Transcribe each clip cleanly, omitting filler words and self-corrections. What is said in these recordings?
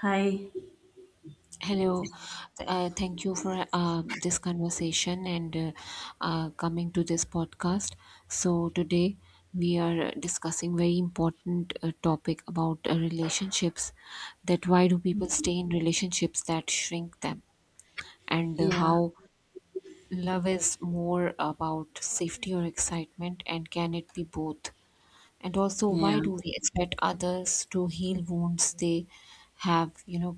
Hi. Hello. Thank you for this conversation and coming to this podcast. So today we are discussing very important topic about relationships. That why do people stay in relationships that shrink them, and Yeah, how love is more about safety or excitement, and can it be both? And also, yeah, why do we expect others to heal wounds they have,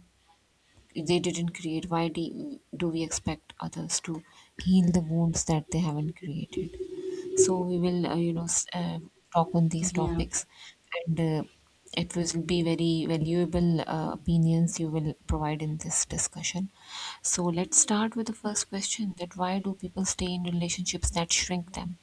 if they didn't create why do we expect others to heal the wounds that they haven't created. So we will talk on these yeah. topics. And it will be very valuable opinions you will provide in this discussion. So let's start with the first question: that why do people stay in relationships that shrink them?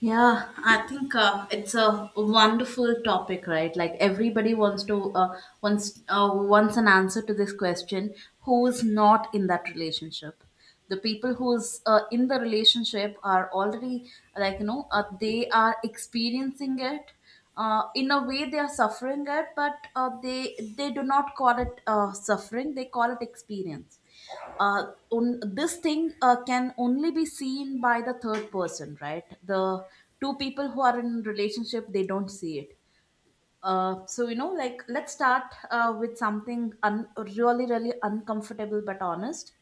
Yeah, I think it's a wonderful topic, right? Like everybody wants an answer to this question: Who is not in that relationship? The people who's in the relationship are already like they are experiencing it. In a way, they are suffering it, but they do not call it suffering; they call it experience. This thing can only be seen by the third person, right? The two people who are in relationship, they don't see it. So like let's start with something really really uncomfortable but honest.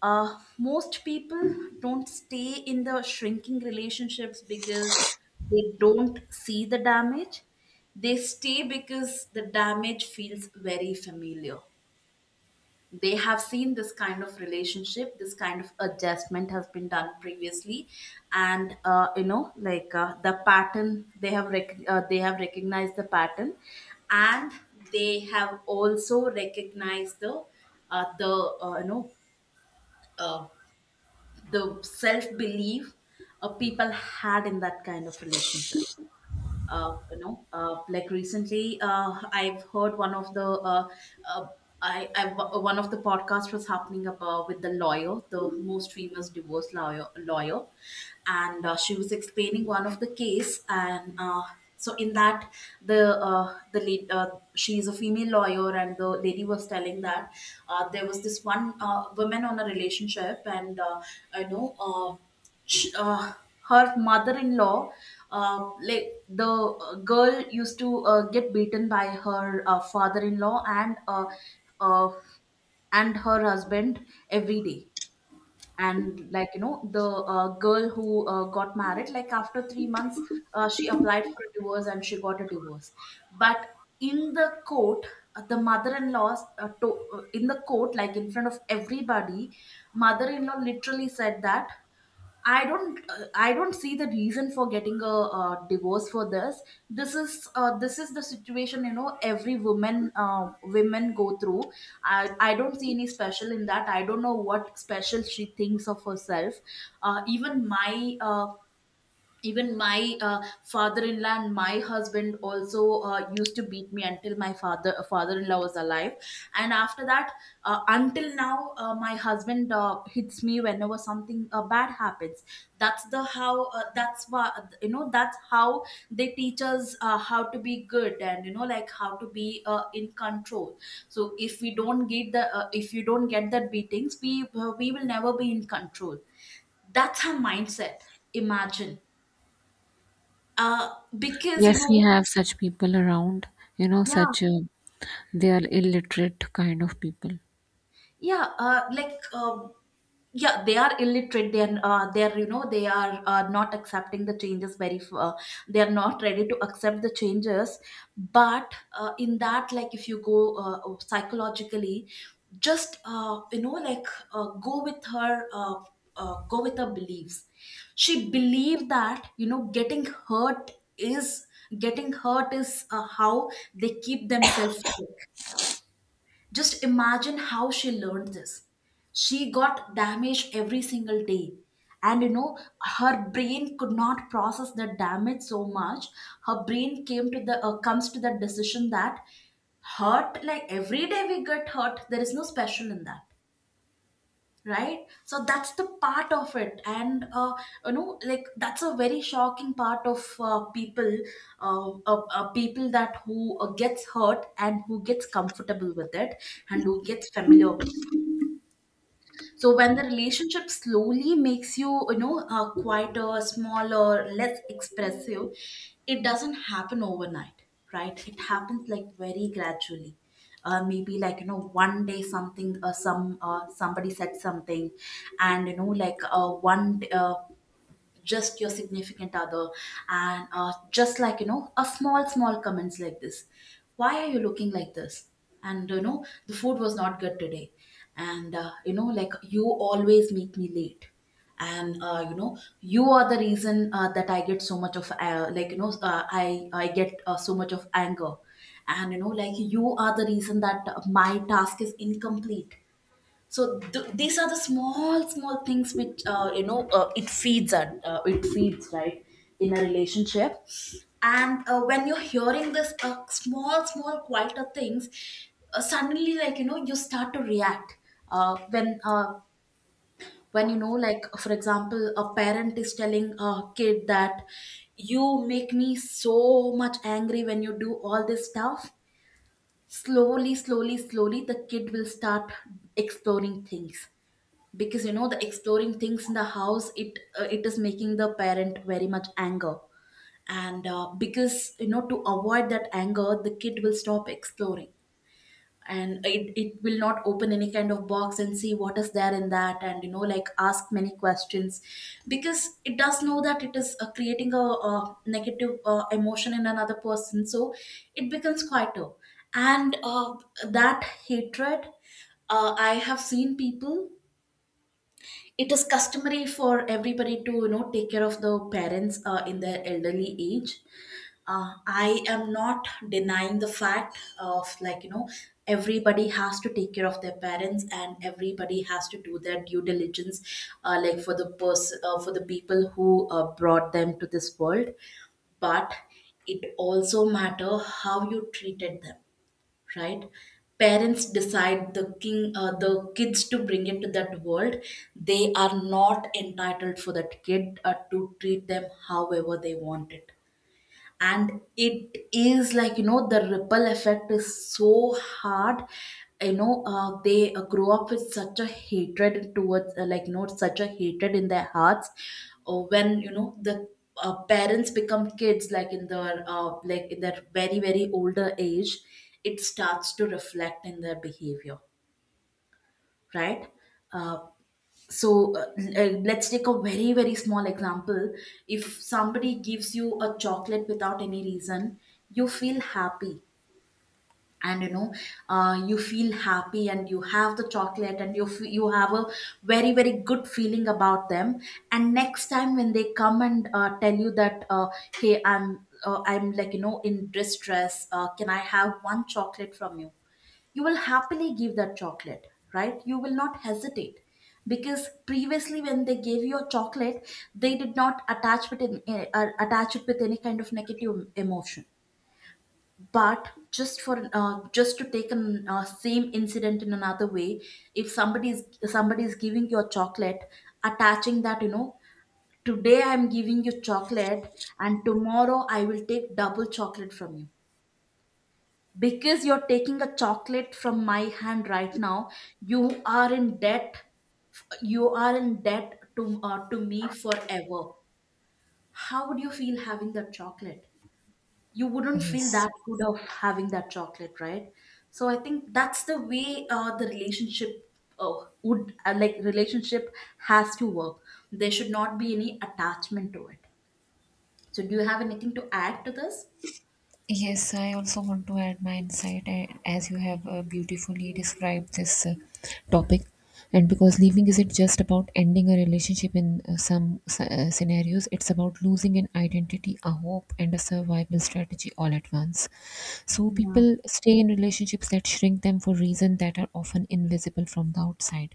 Most people don't stay in the shrinking relationships because they don't see the damage. They stay because the damage feels very familiar. They have seen this kind of relationship. This kind of adjustment has been done previously. And the pattern, they have recognized the pattern. And they have also recognized the you know uh, the self belief people had in that kind of relationship. Recently, I've heard uh, I, I one of the podcasts was happening about with the lawyer, the most famous divorce lawyer, and she was explaining one of the case, and So in that, the lead, she is a female lawyer, and the lady was telling that there was this one woman on a relationship, and I know. Sh- uh, Her mother-in-law, like the girl used to get beaten by her father-in-law uh, and her husband every day. And like you know the uh, girl who got married, like after 3 months, she applied for a divorce and she got a divorce. But in the court, the mother-in-law, in the court, like in front of everybody, mother-in-law literally said that, I don't see the reason for getting a divorce for this. This is the situation, you know, every woman women go through. I don't see any special in that. I don't know what special she thinks of herself. Uh, even my uh, even my father-in-law and my husband also used to beat me until my father-in-law was alive, and after that, until now, my husband hits me whenever something bad happens. That's the how that's why you know that's how they teach us how to be good, and like how to be in control. So if we don't get the uh, if you don't get that beatings, we will never be in control." That's her mindset. Imagine. uh, because, you Yes, we know, have such people around, yeah, such, they are illiterate kind of people. yeah. Yeah, they are illiterate. They are, you know, they are not accepting the changes very. They are not ready to accept the changes. But in that, like, if you go psychologically, just go with her. Go with her beliefs. She believed that getting hurt is... getting hurt is how they keep themselves. Safe. Just imagine how she learned this. She got damaged every single day. And her brain could not process the damage so much. Her brain came to the comes to the decision that, hurt, like every day we get hurt. There is no special in that, right? So that's the part of it, and like that's a very shocking part of people that who gets hurt and who gets comfortable with it and who gets familiar with. So when the relationship slowly makes you, you know quieter, smaller, less expressive, it doesn't happen overnight, right? It happens like very gradually. Maybe, one day something, somebody said something, and you know like one just your significant other, and just like, you know, a small, small comments like this: why are you looking like this, and you know the food was not good today, and you always make me late, and you are the reason that I get so much of, like you know I get so much of anger, and you are the reason that my task is incomplete. So these are the small, small things which, it feeds, right? In a relationship. And when you're hearing this, small, small, quieter things, suddenly, you start to react. uh, when uh, when, like for example, a parent is telling a kid that, "You make me so much angry when you do all this stuff," slowly, slowly, slowly, the kid will start exploring things, because, you know, the exploring things in the house, it is making the parent very much anger. And because, you know, to avoid that anger, the kid will stop exploring, and it will not open any kind of box and see what is there in that, and ask many questions, because it does know that it is creating a, negative emotion in another person. So it becomes quieter. And that hatred, I have seen people. It is customary for everybody to, you know, take care of the parents in their elderly age. I am not denying the fact of, everybody has to take care of their parents and everybody has to do their due diligence, like for the people who brought them to this world. But it also matter how you treated them, right? Parents decide the king the kids to bring into that world. They are not entitled for that kid to treat them however they want it. And it is, the ripple effect is so hard. You know, they grow up with such a hatred towards, such a hatred in their hearts, when, you know, the parents become kids, like in their very, very older age. It starts to reflect in their behavior, right? Uh, so uh, l- uh, let's take a very, very small example. If somebody gives you a chocolate without any reason, you feel happy. And, you feel happy and you have the chocolate and you have a very, very good feeling about them. And next time when they come and tell you that, hey, I'm, like, you know, in distress, can I have one chocolate from you? You will happily give that chocolate, right? You will not hesitate, because previously when they gave you a chocolate, they did not attach it with any kind of negative emotion. But just to take an same incident in another way: if somebody is giving you a chocolate, attaching that, you know, today I'm giving you chocolate and tomorrow I will take double chocolate from you, because you're taking a chocolate from my hand right now, you are in debt. You are in debt to me forever. How would you feel having that chocolate? You wouldn't feel Yes. that good of having that chocolate, right? So I think that's the way, the relationship would like relationship has to work. There should not be any attachment to it. So do you have anything to add to this? Yes, I also want to add my insight, as you have beautifully described this topic. And because leaving isn't just about ending a relationship in some scenarios, it's about losing an identity, a hope, and a survival strategy all at once. So Yeah, people stay in relationships that shrink them for reasons that are often invisible from the outside.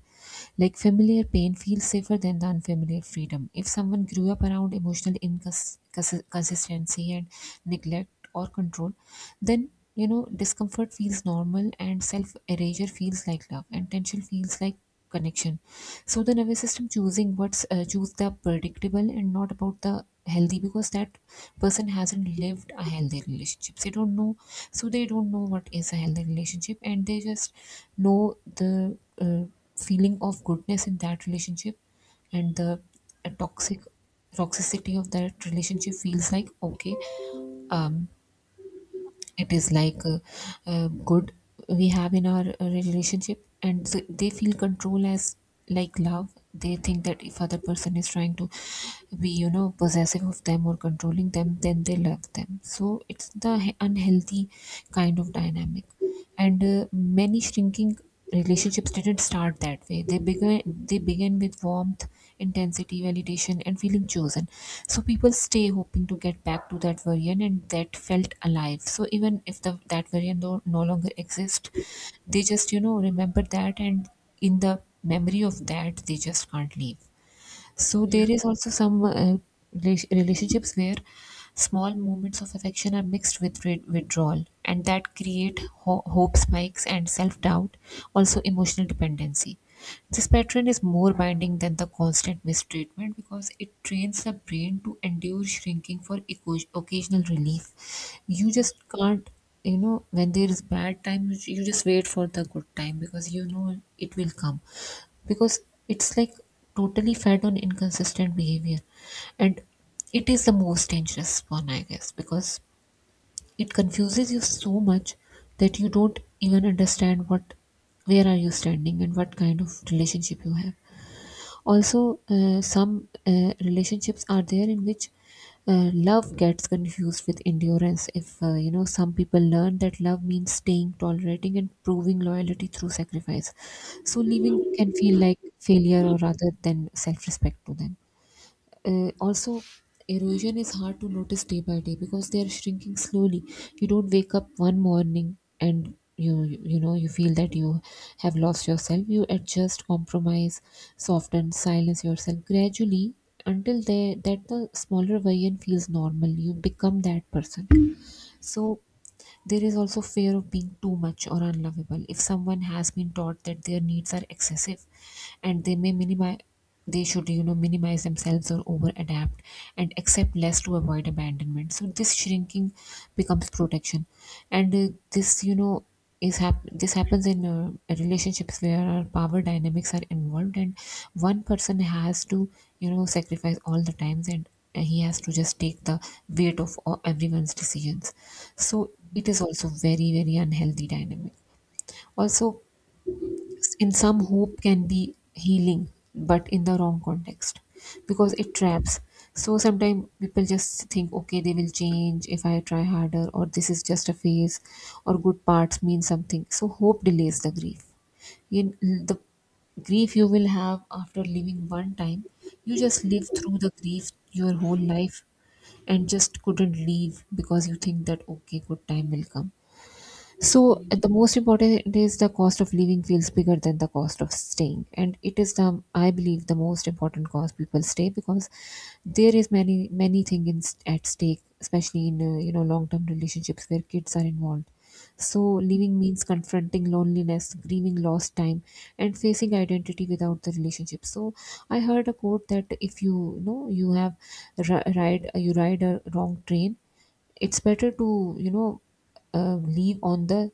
Like familiar pain feels safer than the unfamiliar freedom. If someone grew up around emotional inconsistency and neglect, or control, then, discomfort feels normal and self erasure feels like love and tension feels like connection. So the nervous system choosing what's choose the predictable and not about the healthy, because that person hasn't lived a healthy relationship. They don't know, so they don't know what is a healthy relationship, and they just know the feeling of goodness in that relationship, and the uh, toxic toxicity of that relationship feels like okay. um it is like good we have in our relationship, and so they feel control as like love. They think that if other person is trying to be, possessive of them or controlling them, then they love them. So it's the unhealthy kind of dynamic. And many shrinking relationships didn't start that way. They began with warmth, intensity, validation, and feeling chosen. So people stay hoping to get back to that version, and that felt alive. So even if the that version no longer exists, they just, remember that, and in the memory of that they just can't leave. So yeah, there is also some relationships where small moments of affection are mixed with withdrawal, and that create hope spikes and self doubt, also emotional dependency. This pattern is more binding than the constant mistreatment because it trains the brain to endure shrinking for occasional relief. You just can't, when there is bad time, you just wait for the good time because you know it will come. Because it's like totally fed on inconsistent behavior. And it is the most dangerous one, I guess, because it confuses you so much that you don't even understand what where are you standing and what kind of relationship you have. Also, some relationships are there in which love gets confused with endurance. If, some people learn that love means staying, tolerating, and proving loyalty through sacrifice. So, leaving can feel like failure or rather than self-respect to them. Also, erosion is hard to notice day by day because they are shrinking slowly. You don't wake up one morning and you feel that you have lost yourself. You adjust, compromise, soften, silence yourself gradually until they that the smaller version feels normal. You become that person. So there is also fear of being too much or unlovable. If someone has been taught that their needs are excessive, and they may minimize, they should, minimize themselves or over adapt and accept less to avoid abandonment. So this shrinking becomes protection. And this, this happens in relationships where our power dynamics are involved, and one person has to, sacrifice all the times, and he has to just take the weight of all, everyone's decisions. So it is also very very unhealthy dynamic. Also, in some, hope can be healing, but in the wrong context. Because it traps. So sometimes people just think, okay they will change if I try harder, or this is just a phase, or good parts mean something. So hope delays the grief. In the grief you will have after living one time, you just live through the grief your whole life, and just couldn't leave because you think that okay good time will come. So the most important is the cost of living feels bigger than the cost of staying, and it is the, I believe, the most important cause people stay, because there is many many things at stake, especially in long term relationships where kids are involved. So living means confronting loneliness, grieving lost time, and facing identity without the relationship. So I heard a quote that if you, you know you have ride, you ride a wrong train, it's better to, leave on the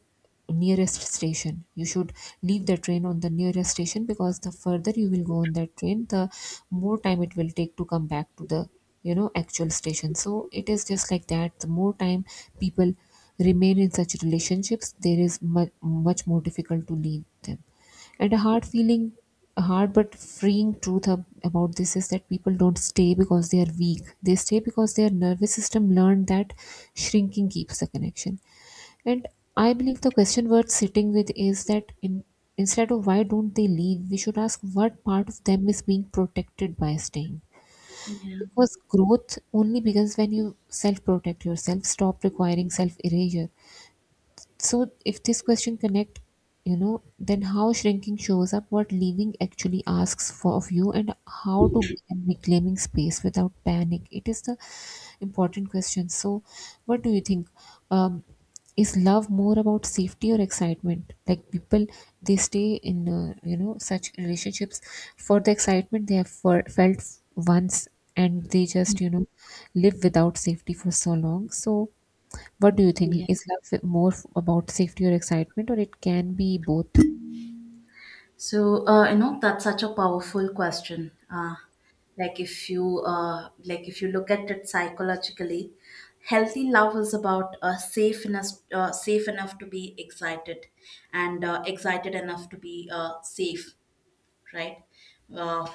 nearest station. You should leave the train on the nearest station because the further you will go on that train the more time it will take to come back to the, actual station. So it is just like that the more time people remain in such relationships, there is much, much more difficult to leave them. And a hard but freeing truth about this is that people don't stay because they are weak. They stay because their nervous system learned that shrinking keeps the connection. And I believe the question worth sitting with is that instead of why don't they leave, we should ask what part of them is being protected by staying. yeah, Because growth only begins when you self protect yourself, stop requiring self erasure. So if this question connect, then how shrinking shows up, what leaving actually asks for of you, and how to be and reclaiming space without panic, it is the important question. So what do you think, um, is love more about safety or excitement, like people they stay in such relationships for the excitement they have for, felt once, and they just, live without safety for so long. So what do you think? yeah. Is love more about safety or excitement, or it can be both? So, that's such a powerful question. Like if you look at it psychologically, healthy love is about, safe enough to be excited, and excited enough to be, safe, right? Uh,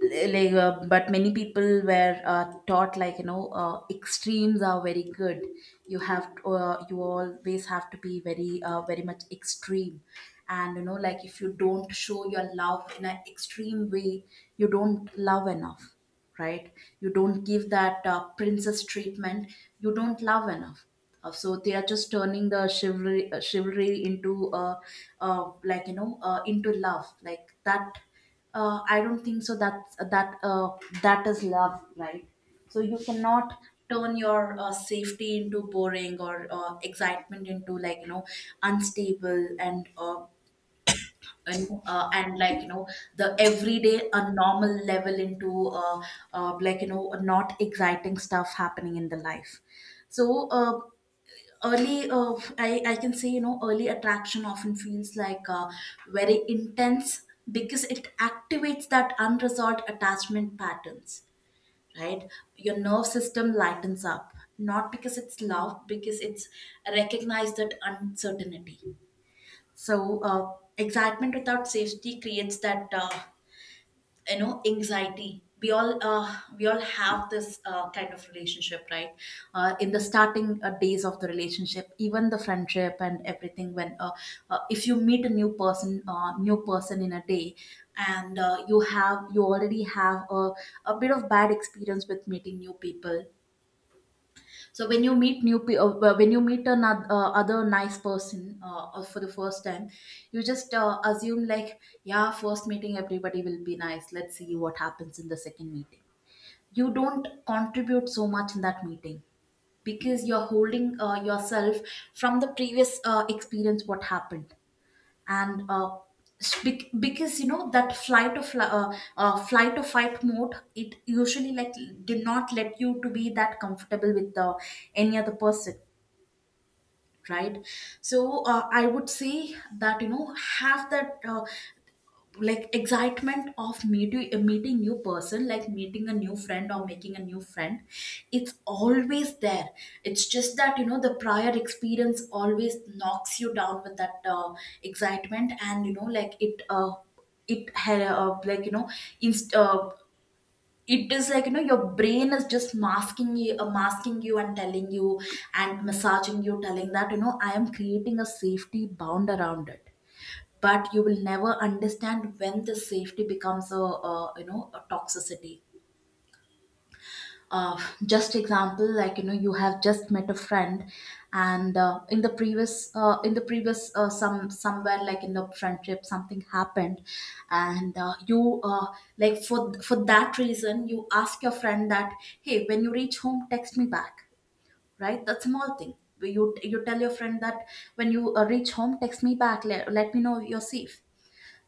but many people were taught, extremes are very good. You have uh, you always have to be very, very much extreme, and if you don't show your love in an extreme way, you don't love enough, right? You don't give that princess treatment, you don't love enough. So they are just turning the chivalry into, uh, uh, into love like that. I don't think so. That is love, right? So you cannot turn your safety into boring or excitement into unstable and the everyday a normal level into not exciting stuff happening in the life. So I can say early attraction often feels like very intense because it activates that unresolved attachment patterns, right? Your nerve system lightens up not because it's love, because it's recognized that uncertainty. So excitement without safety creates that anxiety. We all have this kind of relationship, right? In the starting days of the relationship, even the friendship and everything, when if you meet a new person, new person in a day. And you already have a bit of bad experience with meeting new people. So when you meet another other nice person, for the first time, you just assume like, yeah, first meeting everybody will be nice, let's see what happens in the second meeting. You don't contribute so much in that meeting because you're holding yourself from the previous experience, what happened. And because you know that flight or fight mode, it usually like did not let you to be that comfortable with any other person, right? So I would say that, you know, have that like excitement of meeting new person, like meeting a new friend or making a new friend. It's always there. It's just that, you know, the prior experience always knocks you down with that excitement. And you know like it it had like you know inst- it is like, you know, your brain is just masking you and telling you, and massaging you, telling that, you know, I am creating a safety bound around it. But you will never understand when the safety becomes a, you know, a toxicity. uh, just example, like, you know, you have just met a friend. And in the previous some somewhere, like in the friendship, something happened. And you like for that reason, you ask your friend that, hey, when you reach home, text me back. Right, that's a small thing. You tell your friend that, when you reach home, text me back, let me know if you're safe.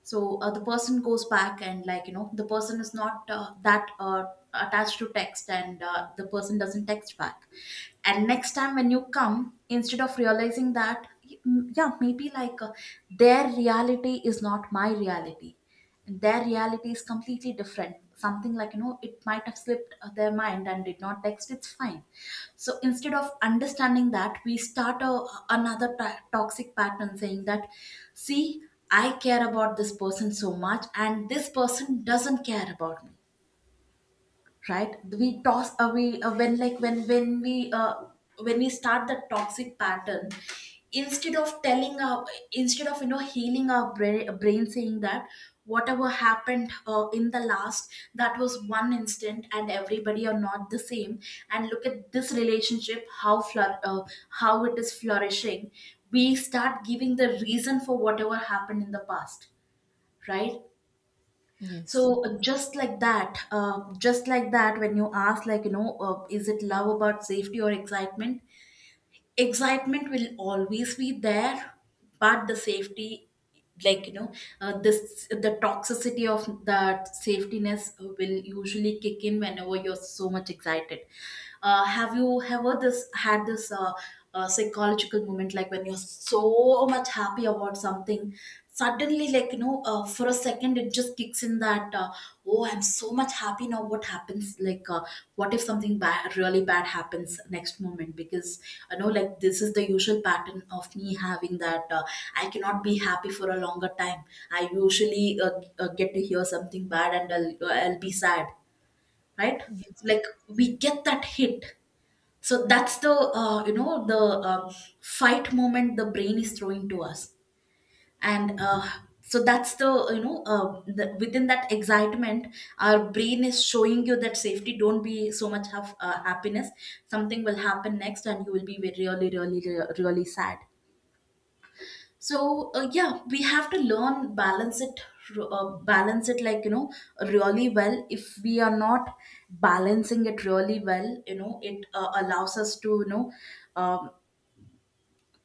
So the person goes back and, like, you know, the person is not that attached to text, and the person doesn't text back. And next time when you come, instead of realizing that, mm, yeah, maybe like their reality is not my reality, their reality is completely different, something, like, you know, it might have slipped their mind and did not text, it's fine. So instead of understanding that, we start another toxic pattern, saying that, see, I care about this person so much and this person doesn't care about me, right? We toss away when like when we start the toxic pattern, instead of telling our, instead of, you know, healing our brain, saying that whatever happened in the last, that was one instant and everybody are not the same. And look at this relationship, how it is flourishing. We start giving the reason for whatever happened in the past, right? Yes, So just like that, when you ask, like, you know, is it love about safety or excitement? Excitement will always be there. But the safety, like, you know, this the toxicity of that safetiness will usually kick in whenever you're so much excited. Have you ever this had this psychological moment, like when you're so much happy about something, suddenly, like, you know, for a second it just kicks in that oh, I'm so much happy, now what happens, like what if something bad, really bad happens next moment? Because I know like this is the usual pattern of me having that I cannot be happy for a longer time. I usually get to hear something bad and I'll be sad, right? yes, Like we get that hit. So that's the fight moment the brain is throwing to us. And so that's the, you know, within that excitement, our brain is showing you that safety, don't be so much of happiness, something will happen next and you will be really really really sad. So yeah, we have to learn balance it, balance it, like, you know, really well. If we are not balancing it really well, you know, it allows us to, you know, um,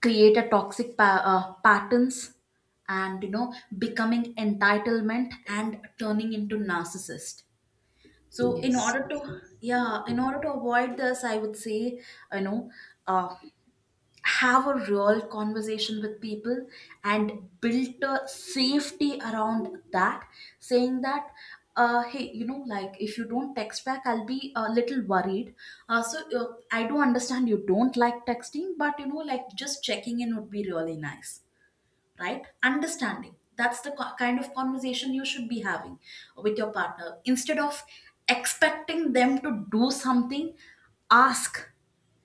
create a patterns, and, you know, becoming entitlement and turning into narcissist. So in yes. order to, yeah, in order to avoid this, I would say, you know, uh, have a real conversation with people and build a safety around that, saying that, hey, you know, like if you don't text back, I'll be a little worried. I do understand you don't like texting, but, you know, like just checking in would be really nice, right? Understanding that's the kind of conversation you should be having with your partner, instead of expecting them to do something. Ask,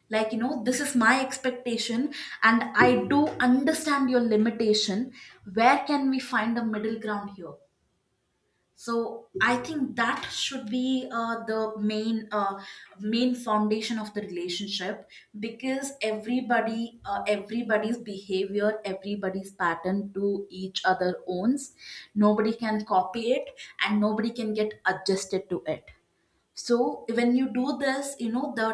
like, you know, this is my expectation, and I do understand your limitation. Where can we find a middle ground here? So I think that should be the main main foundation of the relationship. Because everybody's behavior, everybody's pattern to each other owns, nobody can copy it, and nobody can get adjusted to it. So when you do this, you know, the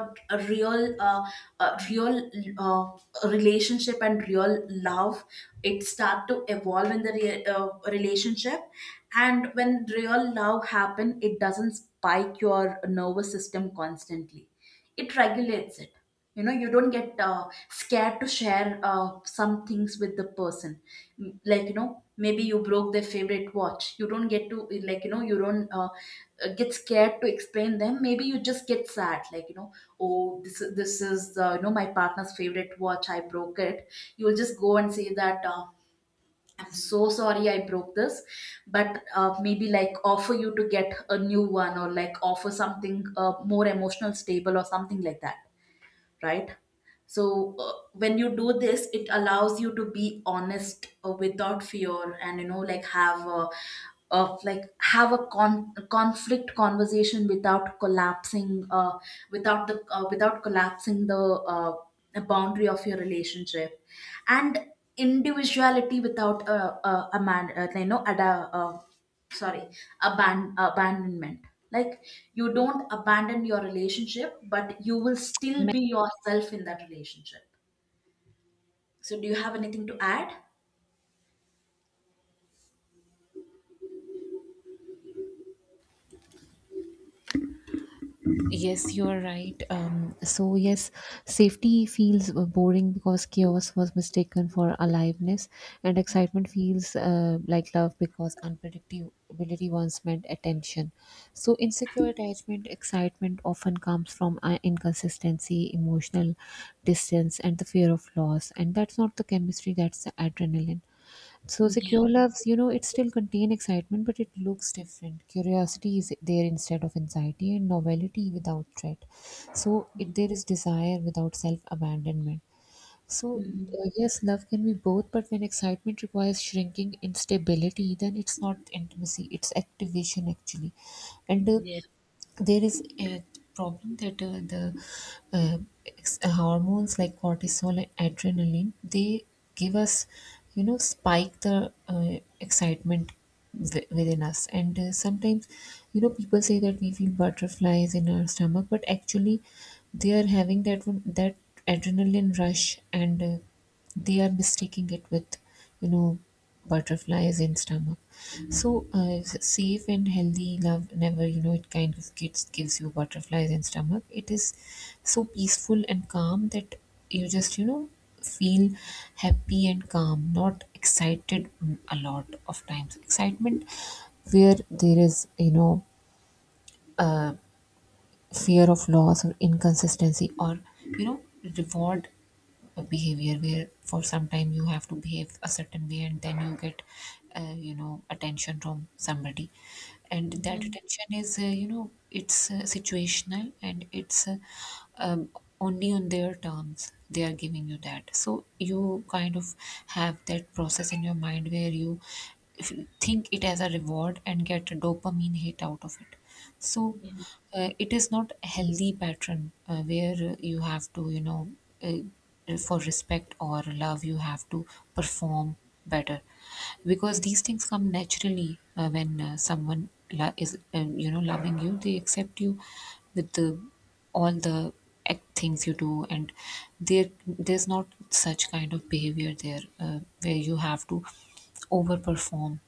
real uh, real relationship and real love, it start to evolve in the relationship. And when real love happen, it doesn't spike your nervous system constantly, it regulates it. You know, you don't get scared to share some things with the person. Like, you know, maybe you broke their favorite watch, you don't get to, like, you know, you don't get scared to explain them, maybe you just get sad, like, you know, oh, this is you know, my partner's favorite watch, I broke it. You will just go and say that I'm so sorry, I broke this. But maybe like offer you to get a new one, or like offer something more emotional stable or something like that, right? So when you do this, it allows you to be honest without fear, and, you know, like have a conflict conversation without collapsing, without collapsing the boundary of your relationship, and individuality without a, man, you know, ada. Sorry aban- abandonment. Like, you don't abandon your relationship, but you will still Ma- be yourself in that relationship. So do you have anything to add? Yes, you are right. So yes, safety feels boring because chaos was mistaken for aliveness, and excitement feels like love because unpredictability once meant attention. So insecure attachment, excitement often comes from inconsistency, emotional distance, and the fear of loss, and that's not the chemistry, that's the adrenaline. So Yeah. secure loves, it still contain excitement, but it looks different. Curiosity is there instead of anxiety, and novelty without threat. So there is desire without self abandonment. So Hmm. Yes, love can be both, but when excitement requires shrinking instability, then it's not intimacy; it's activation actually. And Yeah. there is a problem that the uh, hormones like cortisol and adrenaline they give us, spike the excitement within us, and sometimes, people say that we feel butterflies in our stomach, but actually they are having that one, that adrenaline rush, and they are mistaking it with, you know butterflies in stomach. So, safe and healthy love never, it kind of gives you butterflies in stomach. It is so peaceful and calm that you just, feel happy and calm, not excited a lot of times. Excitement where there is, uh, fear of loss or inconsistency or, reward behavior where for some time you have to behave a certain way and then you get attention from somebody, and that attention is you know it's situational, and it's um, only on their terms they are giving you that. So you kind of have that process in your mind where you f- think it as a reward and get a dopamine hit out of it. So it is not a healthy pattern where you have to, for respect or love you have to perform better, because these things come naturally when someone is loving you, they accept you with the all the things you do, and there's not such kind of behavior there where you have to overperform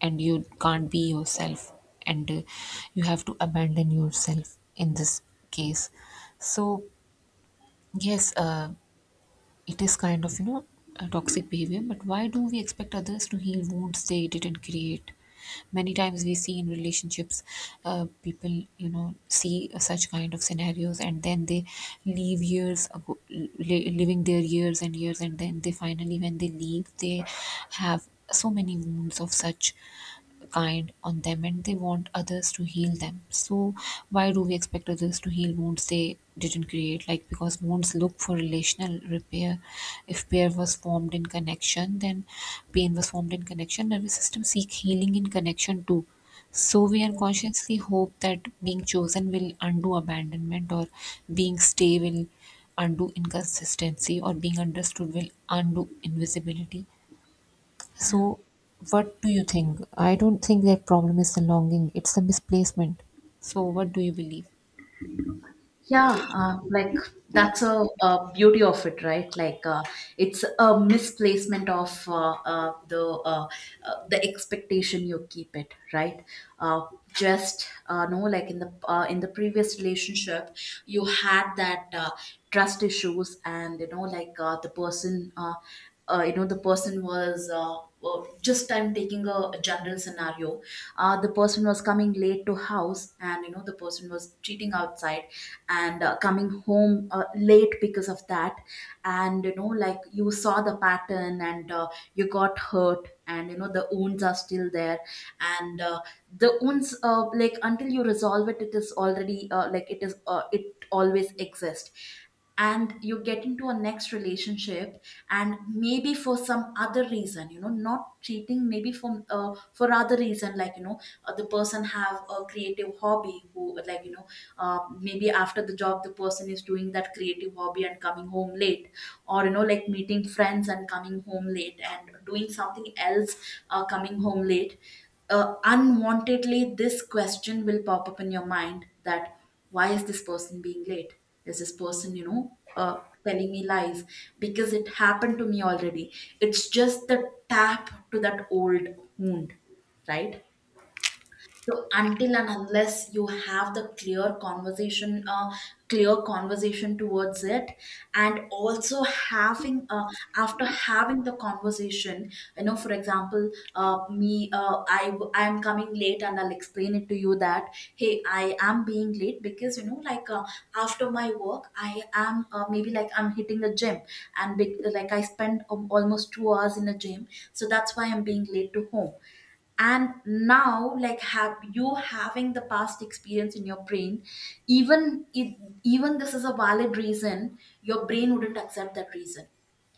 and you can't be yourself, and you have to abandon yourself in this case. So yes, it is kind of, a toxic behavior, but why do we expect others to heal wounds they didn't create? Many times we see in relationships people, see such kind of scenarios, and then they leave years ago, living their years and years, and then they finally when they leave they have so many wounds of such kind on them, and they want others to heal them. So why do we expect others to heal wounds they didn't create? Like because wounds look for relational repair. If pair was formed in connection, then pain was formed in connection. Nervous system seek healing in connection too. So we unconsciously hope that being chosen will undo abandonment, or being stay will undo inconsistency, or being understood will undo invisibility. So, what do you think? I don't think their problem is the longing, it's the misplacement. So, what do you believe? Yeah, like, that's a beauty of it, right? Like it's a misplacement of the expectation you keep it, right? Uh, just no, like in the previous relationship, you had that trust issues, and you know, like you know, the person was. Just I'm taking a general scenario. The person was coming late to house, and you know the person was cheating outside and coming home late because of that. And you know like you saw the pattern, and you got hurt, and you know the wounds are still there. And the wounds like until you resolve it, it is already like it is it always exists. And you get into a next relationship, and maybe for some other reason, you know, not cheating, maybe for other reason, like, you know, the person have a creative hobby, who, like, you know, maybe after the job, the person is doing that creative hobby and coming home late, or, you know, like meeting friends and coming home late and doing something else, coming home late. Unwantedly, this question will pop up in your mind that why is this person being late, is this person, you know, telling me lies, because it happened to me already. It's just the tap to that old wound, right? So until and unless you have the clear conversation towards it, and also having after having the conversation, you know, for example, I am coming late, and I'll explain it to you that, hey, I am being late because, you know, like after my work, I am maybe like I'm hitting a gym, and big, like I spend almost 2 hours in a gym, so that's why I'm being late to home. And now, like, have you having the past experience in your brain, even if, even this is a valid reason, your brain wouldn't accept that reason.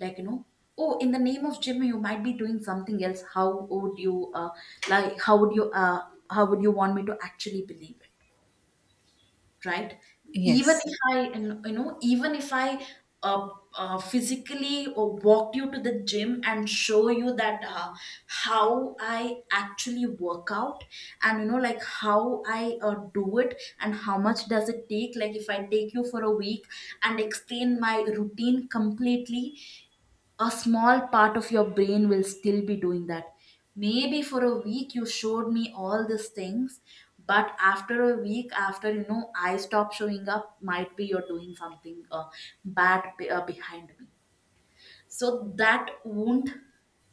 Like, you know, oh, in the name of jimmy, you might be doing something else. How would you like how would you want me to actually believe it, right? Even Yes, if I, you know, even if I physically or walked you to the gym and show you that how I actually work out, and, you know, like how I do it, and how much does it take, like if I take you for a week and explain my routine completely, a small part of your brain will still be doing that. Maybe for a week you showed me all these things, but after a week, after, you know, I stop showing up, might be you're doing something behind me. So that wound,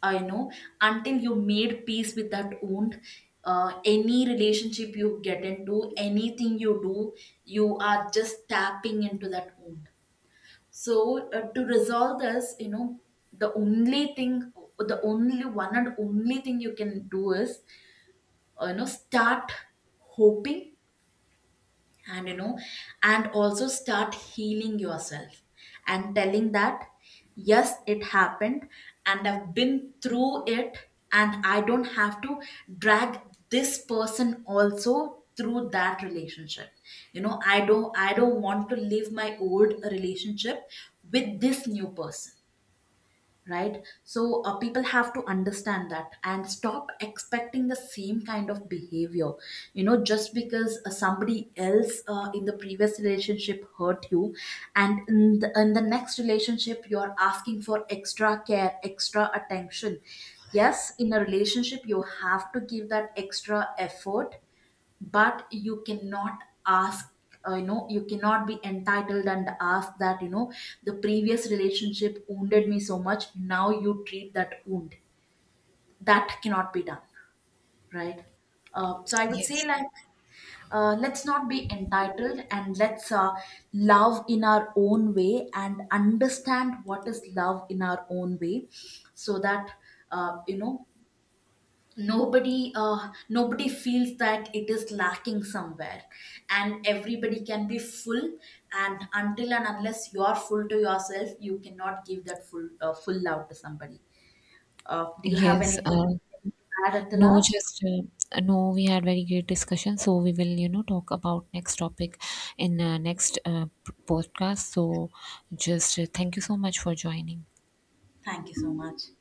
I know, until you made peace with that wound, any relationship you get into, anything you do, you are just tapping into that wound. So to resolve this, you know, the only thing, the only one and only thing you can do is, you know, start hoping, and, you know, and also start healing yourself, and telling that, yes, it happened, and I've been through it, and I don't have to drag this person also through that relationship. You know, I don't want to live my old relationship with this new person, right? So people have to understand that and stop expecting the same kind of behavior. You know, just because somebody else in the previous relationship hurt you, and in the next relationship, you are asking for extra care, extra attention. Yes, in a relationship you have to give that extra effort, but you cannot ask, you know, you cannot be entitled and ask that, you know, the previous relationship wounded me so much, now you treat that wound. That cannot be done, right? So I would say yes, like, let's not be entitled, and let's love in our own way, and understand what is love in our own way. So that you know, nobody feels that it is lacking somewhere, and everybody can be full. And until and unless you are full to yourself, you cannot give that full love to somebody. Do you have yes. anything to add at the No, last? just no, we had very great discussion. So, we will, talk about next topic in next podcast. So, just thank you so much for joining. Thank you so much.